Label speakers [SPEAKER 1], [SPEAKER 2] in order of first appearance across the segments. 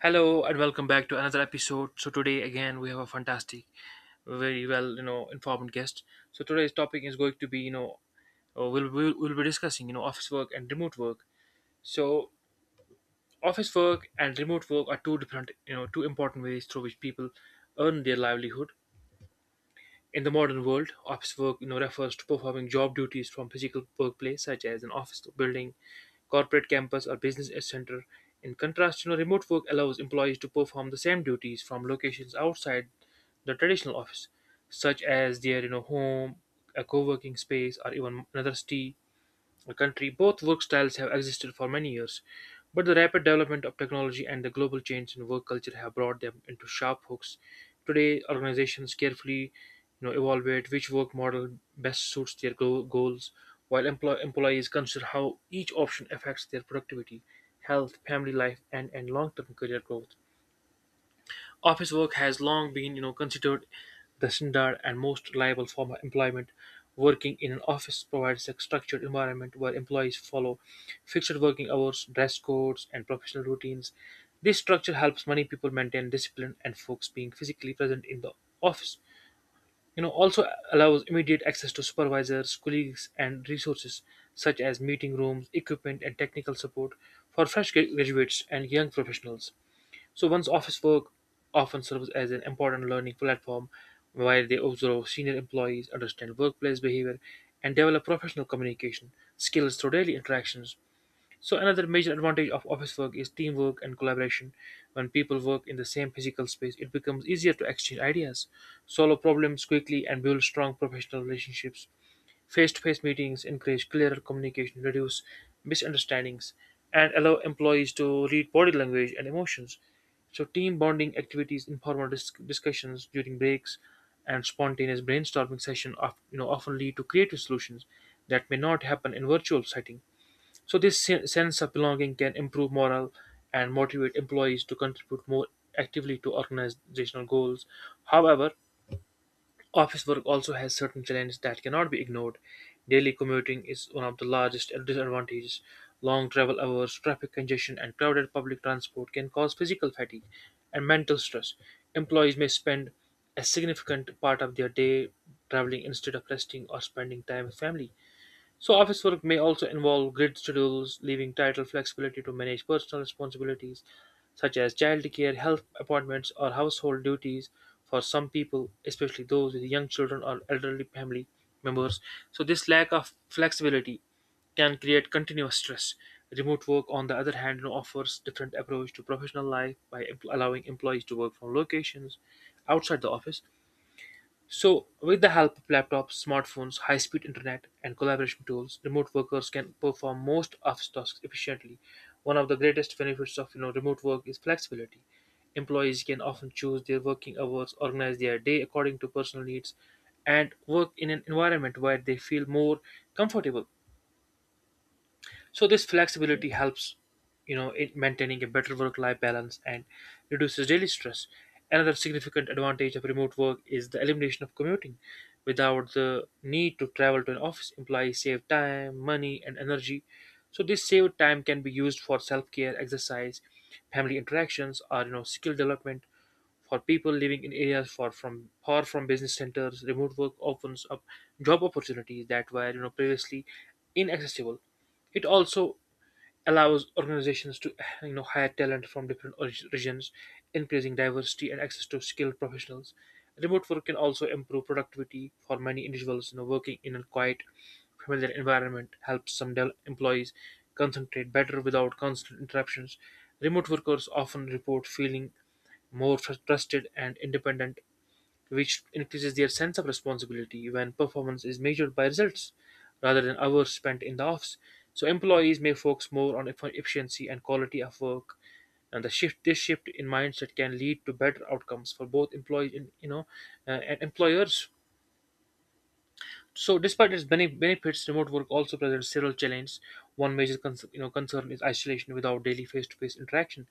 [SPEAKER 1] Hello and welcome back to another episode. So today again we have a fantastic, very well informed guest. So today's topic is going to be we'll be discussing office work and remote work. So office work and remote work are two different two important ways through which people earn their livelihood. In the modern world, office work refers to performing job duties from physical workplace such as an office building, corporate campus, or business center. In contrast, remote work allows employees to perform the same duties from locations outside the traditional office, such as their home, a co-working space, or even another city country. Both work styles have existed for many years, but the rapid development of technology and the global change in work culture have brought them into sharp hooks. Today, organizations carefully evaluate which work model best suits their goals, while employees consider how each option affects their productivity, health, family life, and long term career growth. Office work has long been, considered the standard and most reliable form of employment. Working in an office provides a structured environment where employees follow fixed working hours, dress codes, and professional routines. This structure helps many people maintain discipline and focus, being physically present in the office. Also, allows immediate access to supervisors, colleagues, and resources such as meeting rooms, equipment, and technical support for fresh graduates and young professionals. So one's office work often serves as an important learning platform where they observe senior employees, understand workplace behavior, and develop professional communication skills through daily interactions. So another major advantage of office work is teamwork and collaboration. When people work in the same physical space, it becomes easier to exchange ideas, solve problems quickly, and build strong professional relationships. Face-to-face meetings encourage clearer communication, reduce misunderstandings, and allow employees to read body language and emotions. So, team bonding activities, informal discussions during breaks, and spontaneous brainstorming session of, often lead to creative solutions that may not happen in virtual setting. So, this sense of belonging can improve morale and motivate employees to contribute more actively to organizational goals. However, office work also has certain challenges that cannot be ignored. Daily commuting is one of the largest disadvantages. Long travel hours, traffic congestion, and crowded public transport can cause physical fatigue and mental stress. Employees may spend a significant part of their day traveling instead of resting or spending time with family. So, office work may also involve grid schedules, leaving title flexibility to manage personal responsibilities such as childcare, health appointments, or household duties for some people, especially those with young children or elderly family members. So, this lack of flexibility can create continuous stress. Remote work, on the other hand, now offers different approach to professional life by allowing employees to work from locations outside the office, so, with the help of laptops, smartphones, high speed internet, and collaboration tools, remote workers can perform most office tasks efficiently. One of the greatest benefits of remote work is flexibility. Employees can often choose their working hours, organize their day according to personal needs, and work in an environment where they feel more comfortable. So this flexibility helps, in maintaining a better work-life balance and reduces daily stress. Another significant advantage of remote work is the elimination of commuting. Without the need to travel to an office, employees save time, money, and energy. So this saved time can be used for self-care, exercise, family interactions, or skill development. For people living in areas far from business centers, remote work opens up job opportunities that were previously inaccessible. It also allows organizations to hire talent from different regions, increasing diversity and access to skilled professionals. Remote work can also improve productivity for many individuals. Working in a quiet, familiar environment helps some employees concentrate better without constant interruptions. Remote workers often report feeling more trusted and independent, which increases their sense of responsibility when performance is measured by results rather than hours spent in the office. So employees may focus more on efficiency and quality of work, and the shift this shift in mindset can lead to better outcomes for both employees and you know and employers. So, despite its benefits, remote work also presents several challenges. One major concern is isolation without daily face to face interaction.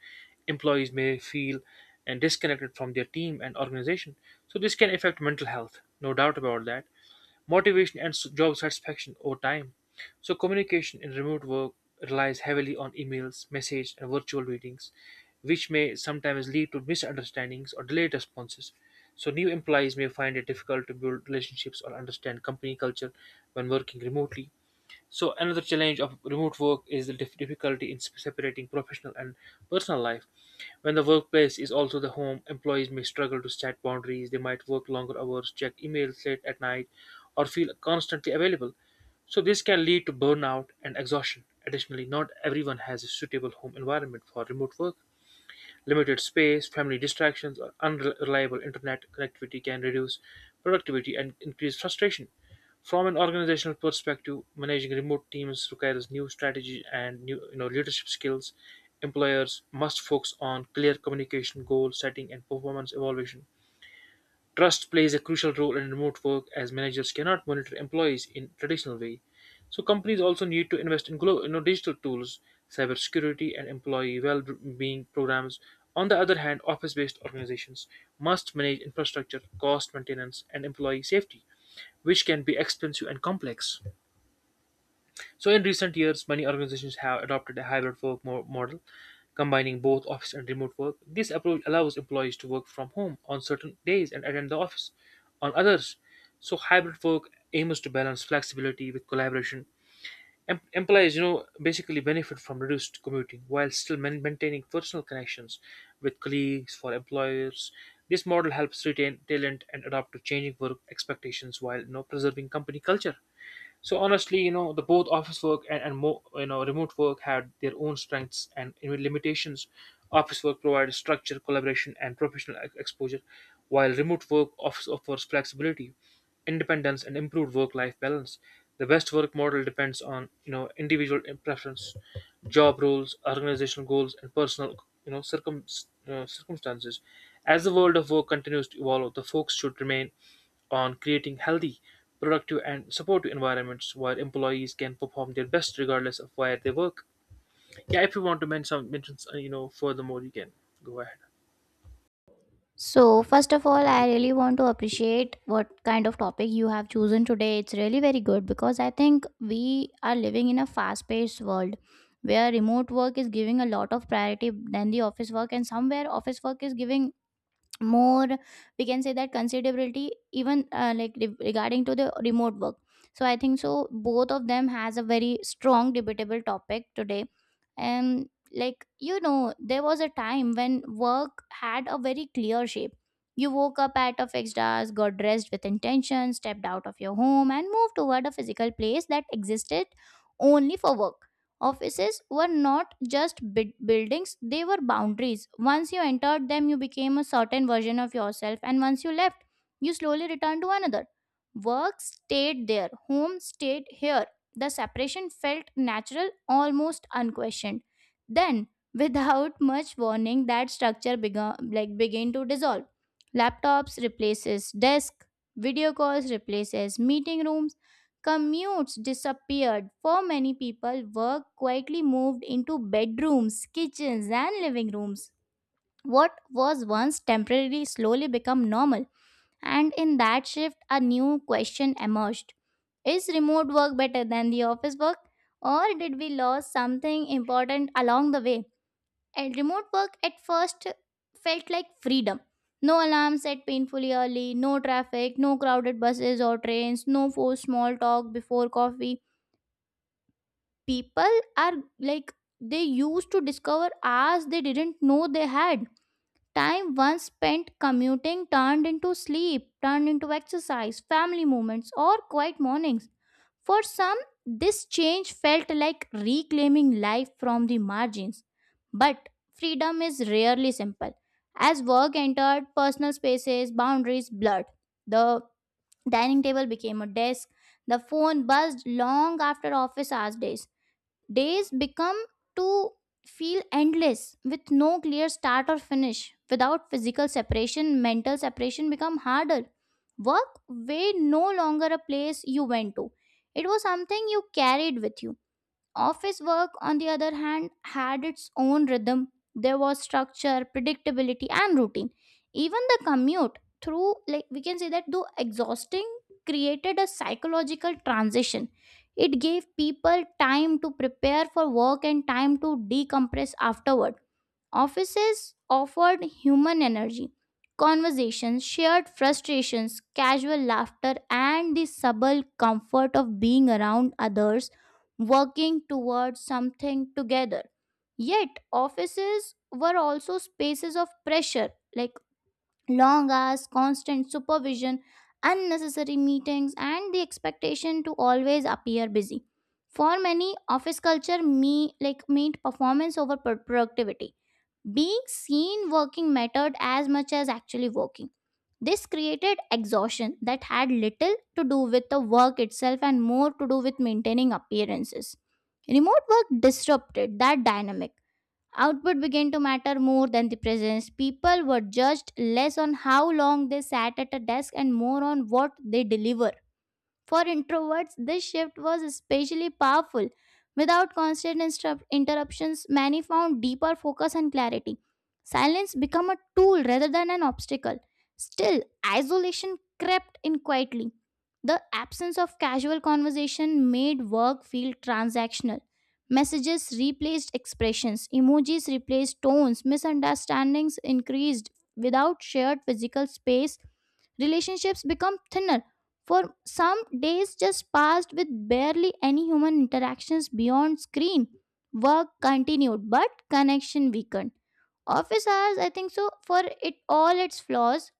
[SPEAKER 1] Employees may feel and disconnected from their team and organization, so this can affect mental health. No doubt about that motivation and job satisfaction over time. So communication in remote work relies heavily on emails, message, and virtual meetings, which may sometimes lead to misunderstandings or delayed responses. So new employees may find it difficult to build relationships or understand company culture when working remotely. So another challenge of remote work is the difficulty in separating professional and personal life. When the workplace is also the home, employees may struggle to set boundaries. They might work longer hours, check emails late at night, or feel constantly available. So this can lead to burnout and exhaustion. Additionally, not everyone has a suitable home environment for remote work. Limited space, family distractions, or unreliable internet connectivity can reduce productivity and increase frustration. From an organizational perspective, managing remote teams requires new strategy and new leadership skills. Employers must focus on clear communication, goal setting, and performance evaluation. Trust plays a crucial role in remote work as managers cannot monitor employees in traditional way. So companies also need to invest in digital tools, cybersecurity, and employee well-being programs. On the other hand, office-based organizations must manage infrastructure, cost maintenance, and employee safety, which can be expensive and complex. So, in recent years, many organizations have adopted a hybrid work model, combining both office and remote work. This approach allows employees to work from home on certain days and attend the office on others. So, hybrid work aims to balance flexibility with collaboration. Employees, basically benefit from reduced commuting while still maintaining personal connections with colleagues for employers. This model helps retain talent and adapt to changing work expectations while preserving company culture. So honestly, the both office work and more, remote work had their own strengths and even limitations. Office work provides structure, collaboration, and professional exposure, while remote work offers flexibility, independence, and improved work-life balance. The best work model depends on individual preference, job roles, organizational goals, and personal you know circum circumstances. As the world of work continues to evolve, the focus should remain on creating healthy productive and supportive environments where employees can perform their best regardless of where they work. Yeah, if you want to mention furthermore, you can go ahead.
[SPEAKER 2] So, first of all, I really want to appreciate what kind of topic you have chosen today. It's really very good because I think we are living in a fast paced world where remote work is giving a lot of priority than the office work, and somewhere office work is giving more, we can say that, considerability even regarding to the remote work. So I think so both of them has a very strong debatable topic today. And there was a time when work had a very clear shape. You woke up at a fixed hours, got dressed with intention, stepped out of your home and moved toward a physical place that existed only for work. Offices were not just bid buildings, they were boundaries. Once you entered them, you became a certain version of yourself, and once you left, you slowly returned to another. Work stayed there, home stayed here. The separation felt natural, almost unquestioned. Then, without much warning, that structure began to dissolve. Laptops replaces desk, video calls replaces meeting rooms. Commutes disappeared. For many people, work quietly moved into bedrooms, kitchens, and living rooms. What was once temporary slowly become normal. And in that shift, a new question emerged. Is remote work better than the office work? Or did we lose something important along the way? And remote work at first felt like freedom. No alarms set painfully early, no traffic, no crowded buses or trains, no forced small talk before coffee. People are, like, they used to discover hours they didn't know they had. Time once spent commuting turned into sleep, turned into exercise, family moments or quiet mornings. For some, this change felt like reclaiming life from the margins. But freedom is rarely simple. As work entered personal spaces, boundaries blurred. The dining table became a desk, the phone buzzed long after office hours days. Days become to feel endless with no clear start or finish. Without physical separation, mental separation become harder. Work way no longer a place you went to. It was something you carried with you. Office work, on the other hand, had its own rhythm. There was structure, predictability, and routine. Even the commute, through like we can say that though exhausting, created a psychological transition. It gave people time to prepare for work and time to decompress afterward. Offices offered human energy, conversations, shared frustrations, casual laughter, and the subtle comfort of being around others working towards something together. Yet, offices were also spaces of pressure, like long hours, constant supervision, unnecessary meetings, and the expectation to always appear busy. For many, office culture me like meant performance over productivity. Being seen working mattered as much as actually working. This created exhaustion that had little to do with the work itself and more to do with maintaining appearances. Remote work disrupted that dynamic. Output began to matter more than the presence. People were judged less on how long they sat at a desk and more on what they delivered. For introverts, this shift was especially powerful. Without constant interruptions, many found deeper focus and clarity. Silence became a tool rather than an obstacle. Still, isolation crept in quietly. The absence of casual conversation made work feel transactional. Messages replaced expressions, emojis replaced tones, misunderstandings increased without shared physical space. Relationships become thinner. For some, days just passed with barely any human interactions beyond screen. Work continued, but connection weakened. Office hours, I think so, for it all its flaws,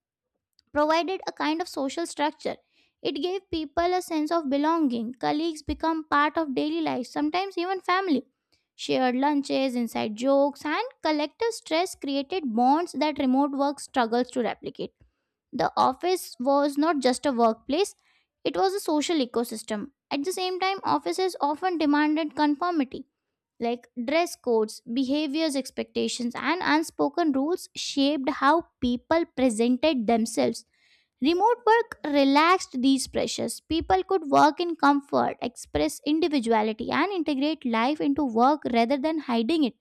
[SPEAKER 2] provided a kind of social structure. It gave people a sense of belonging. Colleagues become part of daily life, sometimes even family. Shared lunches, inside jokes, and collective stress created bonds that remote work struggles to replicate. The office was not just a workplace, it was a social ecosystem. At the same time, offices often demanded conformity, like dress codes, behaviors expectations, and unspoken rules shaped how people presented themselves. Remote work relaxed these pressures. People could work in comfort, express individuality, and integrate life into work rather than hiding it.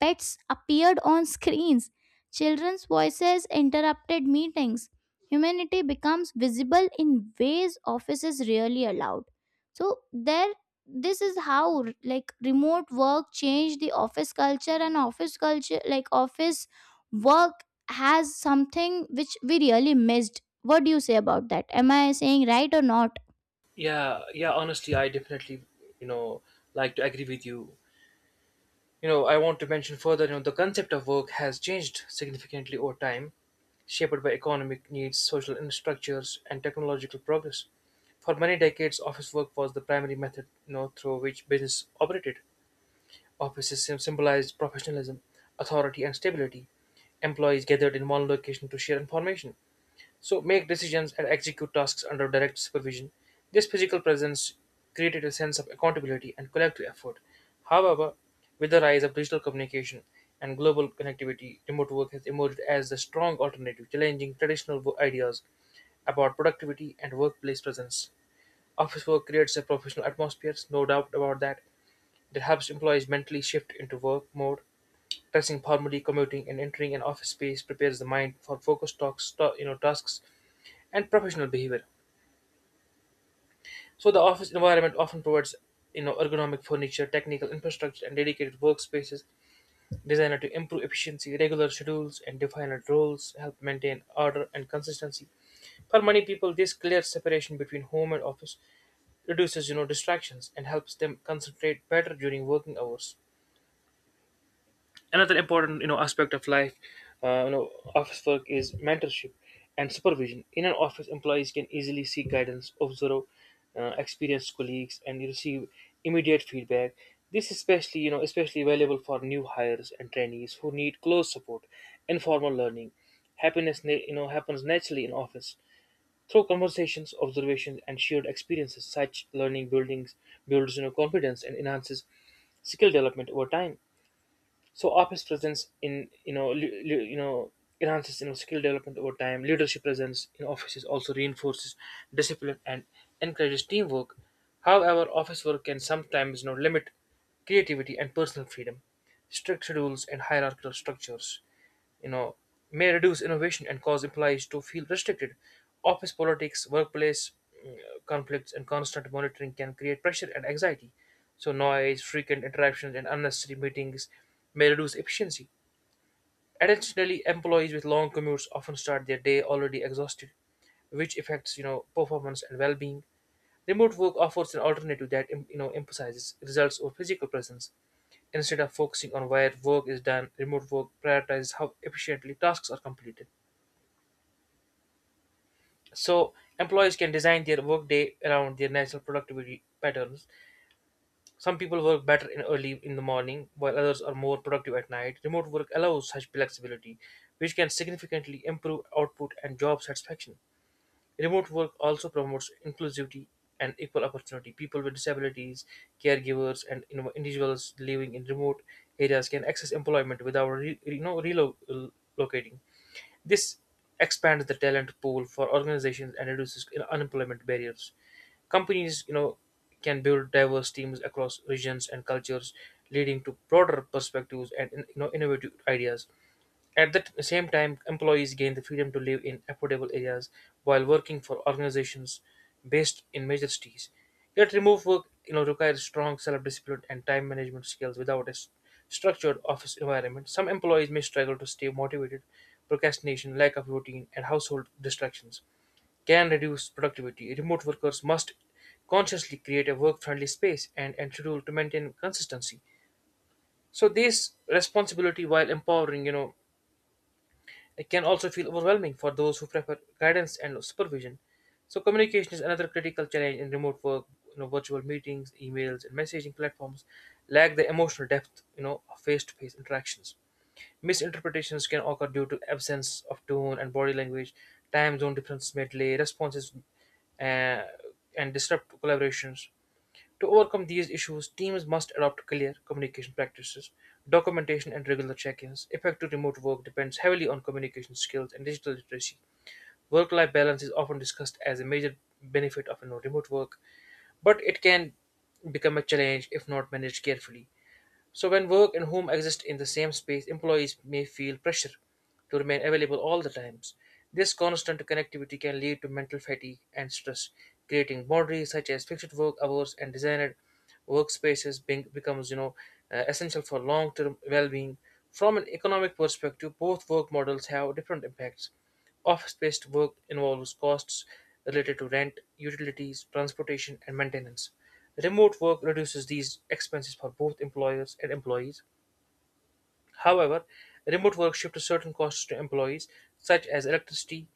[SPEAKER 2] Pets appeared on screens. Children's voices interrupted meetings. Humanity becomes visible in ways offices rarely allowed. So there, this is how like remote work changed the office culture, and office culture, like office work, has something which we really missed. What do you say about that? Am I saying right or not?
[SPEAKER 1] Yeah, yeah, honestly, I definitely, you know, like to agree with you. I want to mention further, the concept of work has changed significantly over time, shaped by economic needs, social structures, and technological progress. For many decades, office work was the primary method, through which business operated. Offices symbolized professionalism, authority, and stability. Employees gathered in one location to share information, so make decisions and execute tasks under direct supervision. This physical presence created a sense of accountability and collective effort. However, with the rise of digital communication and global connectivity, remote work has emerged as a strong alternative, challenging traditional ideas about productivity and workplace presence. Office work creates a professional atmosphere, no doubt about that, that helps employees mentally shift into work mode. Dressing formally, commuting, and entering an office space prepares the mind for focused talks, tasks, and professional behavior. So the office environment often provides, ergonomic furniture, technical infrastructure, and dedicated workspaces designed to improve efficiency. Regular schedules and defined roles help maintain order and consistency. For many people, this clear separation between home and office reduces, distractions and helps them concentrate better during working hours. Another important aspect of life you know office work is mentorship and supervision. In an office, employees can easily seek guidance, observe experienced colleagues and receive immediate feedback. This is especially you know especially valuable for new hires and trainees who need close support. Informal learning happiness happens naturally in office through conversations, observations and shared experiences. Such learning buildings builds confidence and enhances skill development over time. So office presence in enhances skill development over time. Leadership presence in offices also reinforces discipline and encourages teamwork. However, office work can sometimes limit creativity and personal freedom. Strict schedules and hierarchical structures you know may reduce innovation and cause employees to feel restricted. Office politics, workplace mm, conflicts, and constant monitoring can create pressure and anxiety. So noise, frequent interruptions, and unnecessary meetings may reduce efficiency. Additionally, employees with long commutes often start their day already exhausted, which affects performance and well-being. Remote work offers an alternative that emphasizes results or physical presence instead of focusing on where work is done. Remote work prioritizes how efficiently tasks are completed. So employees can design their workday around their natural productivity patterns. Some people work better in early in the morning, while others are more productive at night. Remote work allows such flexibility, which can significantly improve output and job satisfaction. Remote work also promotes inclusivity and equal opportunity. People with disabilities, caregivers, and individuals living in remote areas can access employment without relocating. This expands the talent pool for organizations and reduces unemployment barriers. Companies, can build diverse teams across regions and cultures, leading to broader perspectives and innovative ideas. At the same time, employees gain the freedom to live in affordable areas while working for organizations based in major cities. Yet, remote work requires strong self-discipline and time management skills without a structured office environment. Some employees may struggle to stay motivated. Procrastination, lack of routine, and household distractions can reduce productivity. Remote workers must consciously create a work-friendly space and schedule to maintain consistency. So this responsibility, while empowering, it can also feel overwhelming for those who prefer guidance and supervision. So communication is another critical challenge in remote work. Virtual meetings, emails, and messaging platforms lack the emotional depth, of face-to-face interactions. Misinterpretations can occur due to absence of tone and body language. Time zone differences may delay responses uh, and disrupt collaborations. To overcome these issues, teams must adopt clear communication practices, documentation, and regular check ins. Effective remote work depends heavily on communication skills and digital literacy. Work life balance is often discussed as a major benefit of remote work, but it can become a challenge if not managed carefully. So, when work and home exist in the same space, employees may feel pressure to remain available all the times. This constant connectivity can lead to mental fatigue and stress, creating boundaries such as fixed work hours and designed workspaces becomes essential for long-term well-being. From an economic perspective, both work models have different impacts. Office-based work involves costs related to rent, utilities, transportation, and maintenance. Remote work reduces these expenses for both employers and employees. However, remote work shifts certain costs to employees, such as electricity,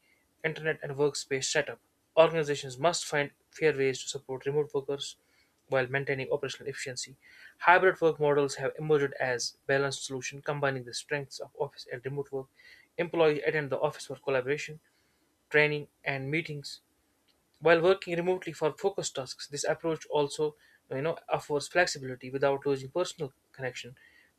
[SPEAKER 1] internet, and workspace setup. Organizations must find fair ways to support remote workers while maintaining operational efficiency. Hybrid work models have emerged as balanced solution combining the strengths of office and remote work. Employees attend the office for collaboration, training and meetings while working remotely for focused tasks. This approach also offers flexibility without losing personal connection.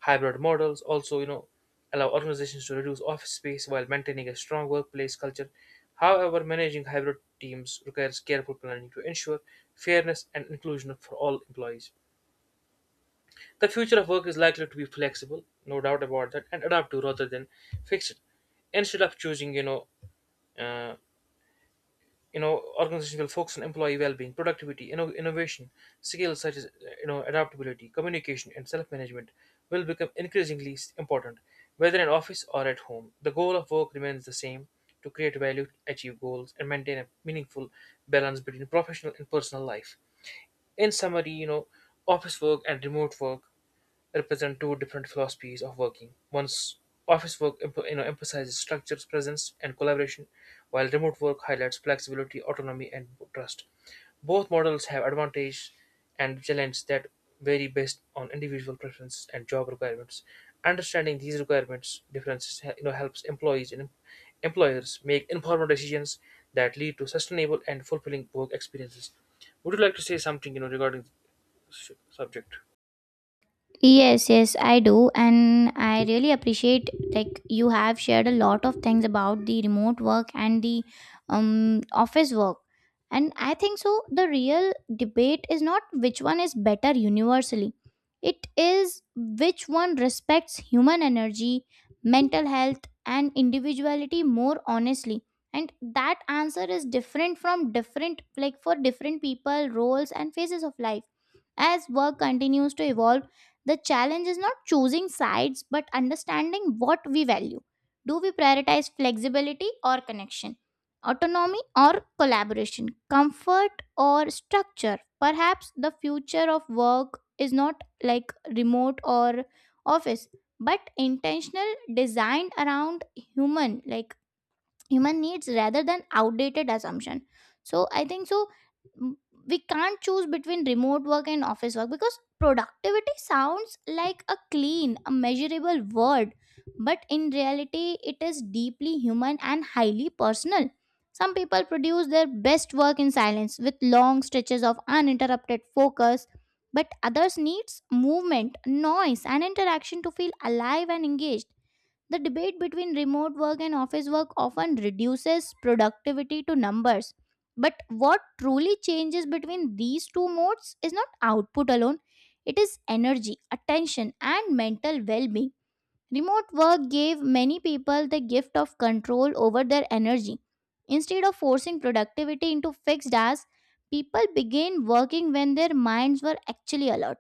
[SPEAKER 1] Hybrid models also allow organizations to reduce office space while maintaining a strong workplace culture. However, managing hybrid teams requires careful planning to ensure fairness and inclusion for all employees. The future of work is likely to be flexible, no doubt about that, and adaptive rather than fixed. Instead of choosing uh, organization will focus on employee well-being, productivity, innovation. Skills such as adaptability, communication, and self-management will become increasingly important. Whether in office or at home, the goal of work remains the same: to create value, achieve goals, and maintain a meaningful balance between professional and personal life. In summary, office work and remote work represent two different philosophies of working. One's office work emphasizes structures, presence, and collaboration, while remote work highlights flexibility, autonomy, and trust. Both models have advantages and challenges that vary based on individual preferences and job requirements. Understanding these requirements differences helps employees and employers make informed decisions that lead to sustainable and fulfilling work experiences. Would you like to say something regarding the subject?
[SPEAKER 2] Yes, yes, I do, and I really appreciate like you have shared a lot of things about the remote work and the office work. And I think so the real debate is not which one is better universally. It is which one respects human energy, mental health and individuality more honestly. And that answer is different from different like for different people, roles and phases of life. As work continues to evolve, the challenge is not choosing sides but understanding what we value. Do we prioritize flexibility or connection, autonomy or collaboration, comfort or structure? Perhaps the future of work is not like remote or office, but intentional, designed around human needs rather than outdated assumption. So I think so, mm, we can't choose between remote work and office work because productivity sounds like a clean, a measurable word, but in reality it is deeply human and highly personal. Some people produce their best work in silence with long stretches of uninterrupted focus, but others needs movement, noise and interaction to feel alive and engaged. The debate between remote work and office work often reduces productivity to numbers. But what truly changes between these two modes is not output alone, it is energy, attention, and mental well being. Remote work gave many people the gift of control over their energy. Instead of forcing productivity into fixed hours, people began working when their minds were actually alert.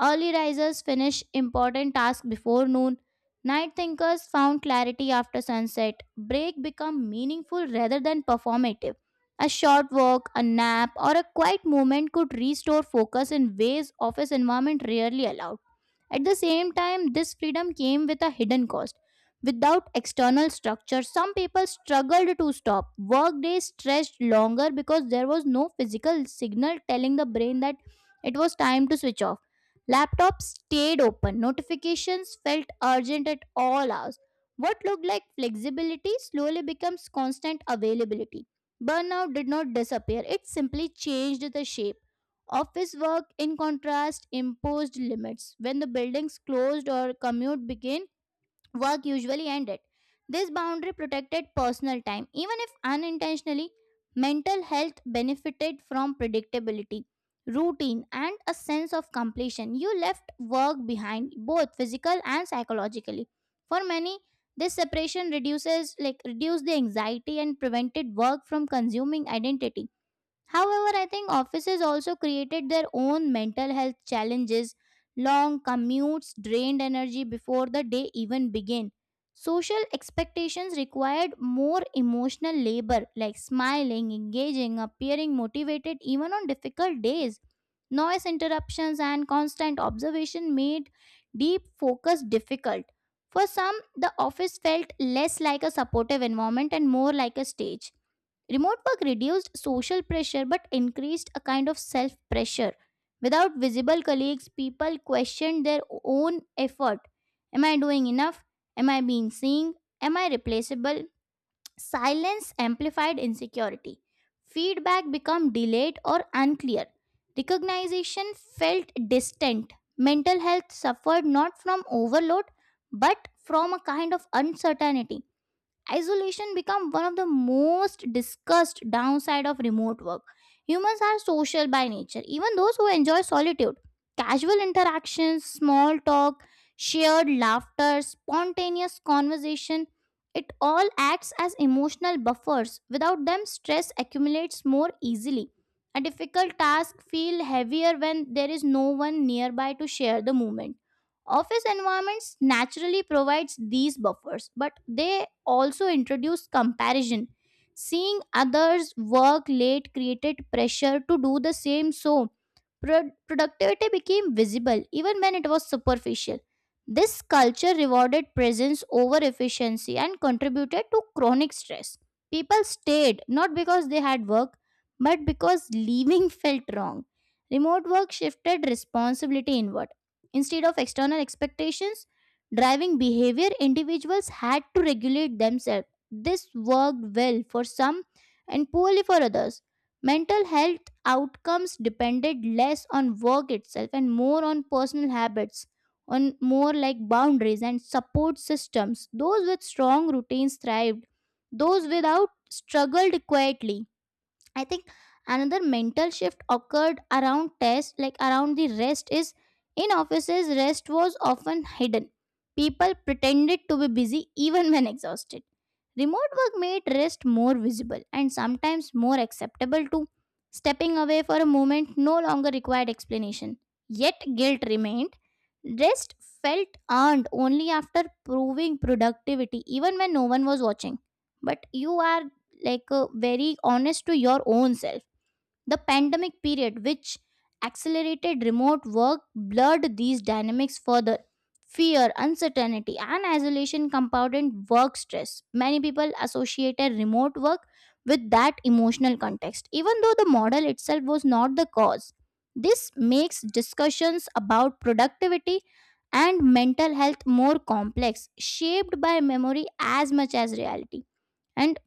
[SPEAKER 2] Early risers finished important tasks before noon. Night thinkers found clarity after sunset. Break became meaningful rather than performative. A short walk, a nap, or a quiet moment could restore focus in ways office environment rarely allowed. At the same time, this freedom came with a hidden cost. Without external structure, some people struggled to stop. Work days stretched longer because there was no physical signal telling the brain that it was time to switch off. Laptops stayed open, notifications felt urgent at all hours. What looked like flexibility slowly becomes constant availability. Burnout did not disappear, it simply changed the shape. Office work, in contrast, imposed limits. When the buildings closed or commute began, work usually ended. This boundary protected personal time, even if unintentionally. Mental health benefited from predictability, routine, and a sense of completion. You left work behind, both physical and psychologically. For many, this separation reduced the anxiety and prevented work from consuming identity. However, I think offices also created their own mental health challenges. Long commutes drained energy before the day even began. Social expectations required more emotional labor, like smiling, engaging, appearing motivated even on difficult days. Noise interruptions and constant observation made deep focus difficult. For some, the office felt less like a supportive environment and more like a stage. Remote work reduced social pressure but increased a kind of self pressure. Without visible colleagues, people questioned their own effort. Am I doing enough? Am I being seen? Am I replaceable? Silence amplified insecurity. Feedback became delayed or unclear. Recognition felt distant. Mental health suffered not from overload but from a kind of uncertainty. Isolation become one of the most discussed downside of remote work. Humans are social by nature, even those who enjoy solitude. Casual interactions, small talk, shared laughter, spontaneous conversation, it all acts as emotional buffers. Without them, stress accumulates more easily. A difficult task feel heavier when there is no one nearby to share the moment. Office environments naturally provides these buffers, but they also introduce comparison. Seeing others work late created pressure to do the same. So productivity became visible even when it was superficial. This culture rewarded presence over efficiency and contributed to chronic stress. People stayed not because they had work, but because leaving felt wrong. Remote work shifted responsibility inward. Instead of external expectations driving behavior, individuals had to regulate themselves. This worked well for some and poorly for others. Mental health outcomes depended less on work itself and more on personal habits, on more like boundaries and support systems. Those with strong routines thrived, those without struggled quietly. I think another mental shift occurred around test, like around the rest, is in offices, rest was often hidden. People pretended to be busy even when exhausted. Remote work made rest more visible and sometimes more acceptable too. Stepping away for a moment no longer required explanation. Yet guilt remained. Rest felt earned only after proving productivity, even when no one was watching. But you are very honest to your own self. The pandemic period, which accelerated remote work, blurred these dynamics further. Fear, uncertainty, and isolation compounded work stress. Many people associated remote work with that emotional context, even though the model itself was not the cause. This makes discussions about productivity and mental health more complex, shaped by memory as much as reality. And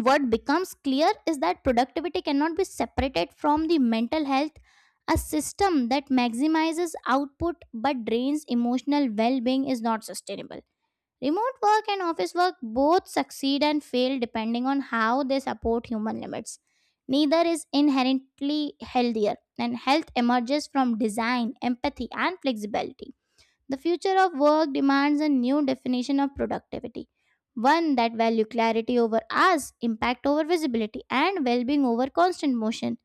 [SPEAKER 2] what becomes clear is that productivity cannot be separated from the mental health. A system that maximizes output but drains emotional well-being is not sustainable. Remote work and office work both succeed and fail depending on how they support human limits. Neither is inherently healthier, and health emerges from design, empathy and flexibility. The future of work demands a new definition of productivity, one that values clarity over hours, impact over visibility, and well-being over constant motion.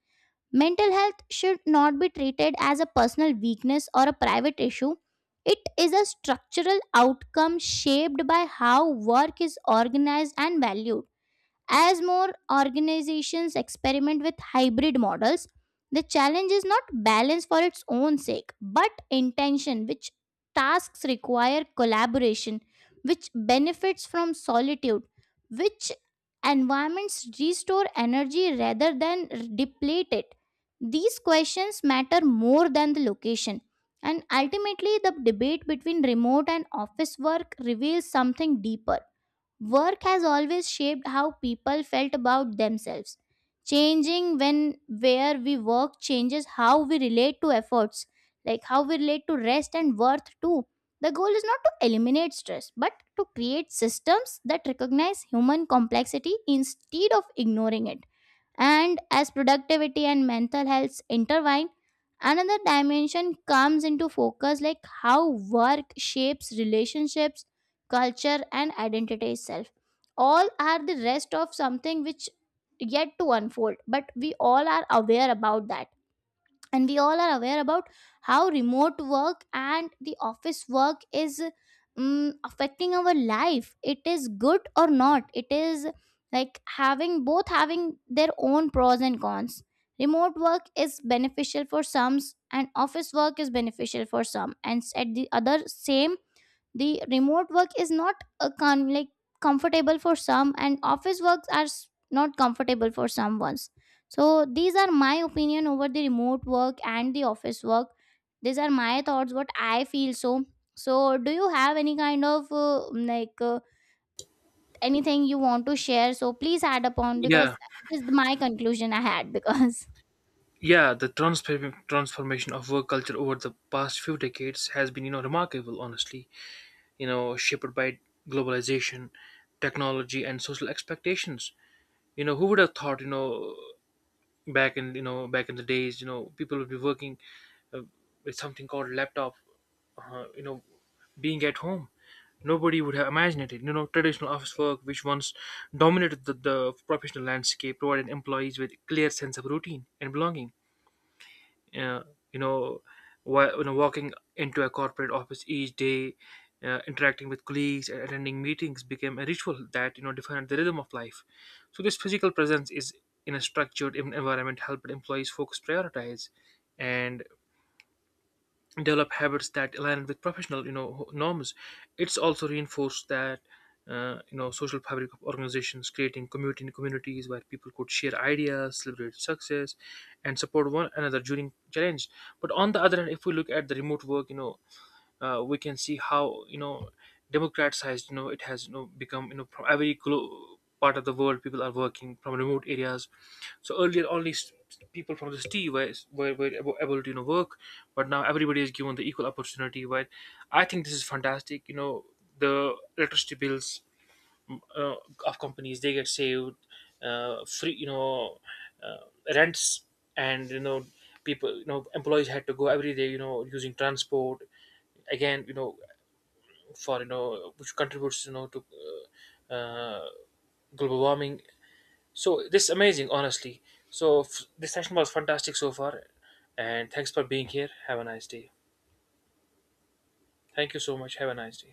[SPEAKER 2] Mental health should not be treated as a personal weakness or a private issue. It is a structural outcome shaped by how work is organized and valued. As more organizations experiment with hybrid models, the challenge is not balance for its own sake, but intention, which tasks require collaboration, which benefits from solitude, which environments restore energy rather than deplete it. These questions matter more than the location. And ultimately, the debate between remote and office work reveals something deeper. Work has always shaped how people felt about themselves. Changing when where we work changes how we relate to efforts, like how we relate to rest and worth too. The goal is not to eliminate stress, but to create systems that recognize human complexity instead of ignoring it. And as productivity and mental health intertwine, another dimension comes into focus, like how work shapes relationships, culture, and identity itself. All are the rest of something which yet to unfold, but we all are aware about that, and we all are aware about how remote work and the office work is affecting our life. It is good or not, it is like having both, having their own pros and cons. Remote work is beneficial for some and office work is beneficial for some, and at the other same, the remote work is not a comfortable for some, and office works are not comfortable for some ones. So these are my opinion over the remote work and the office work. These are my thoughts, what I feel. So so do you have any kind of anything you want to share, so please add upon
[SPEAKER 1] Yeah.
[SPEAKER 2] because it is my conclusion I had because
[SPEAKER 1] Yeah, the transformation of work culture over the past few decades has been, remarkable. Honestly, shaped by globalization, technology, and social expectations. Who would have thought, back in back in the days, people would be working uh, with something called laptop. Uh, you know, being at home, nobody would have imagined it. You know, traditional office work, which once dominated the professional landscape, provided employees with clear sense of routine and belonging. uh, you know, Walking into a corporate office each day, interacting with colleagues, and attending meetings became a ritual that defined the rhythm of life. So this physical presence is in a structured environment helped employees focus, prioritize, and develop habits that align with professional norms. It's also reinforced that social fabric of organizations, creating community communities where people could share ideas, celebrate success, and support one another during challenge. But on the other hand, if we look at the remote work, we can see how democratized it has become. From every part of the world, people are working from remote areas. So earlier only people from the city were able to work, but now everybody is given the equal opportunity, right? I think this is fantastic. The electricity bills, mm, uh, of companies, they get saved, free, uh, rents, and people, employees had to go every day using transport again, for which contributes to uh, uh, global warming. So this is amazing, honestly. So this session was fantastic so far, and thanks for being here. Have a nice day. Thank you so much. Have a nice day.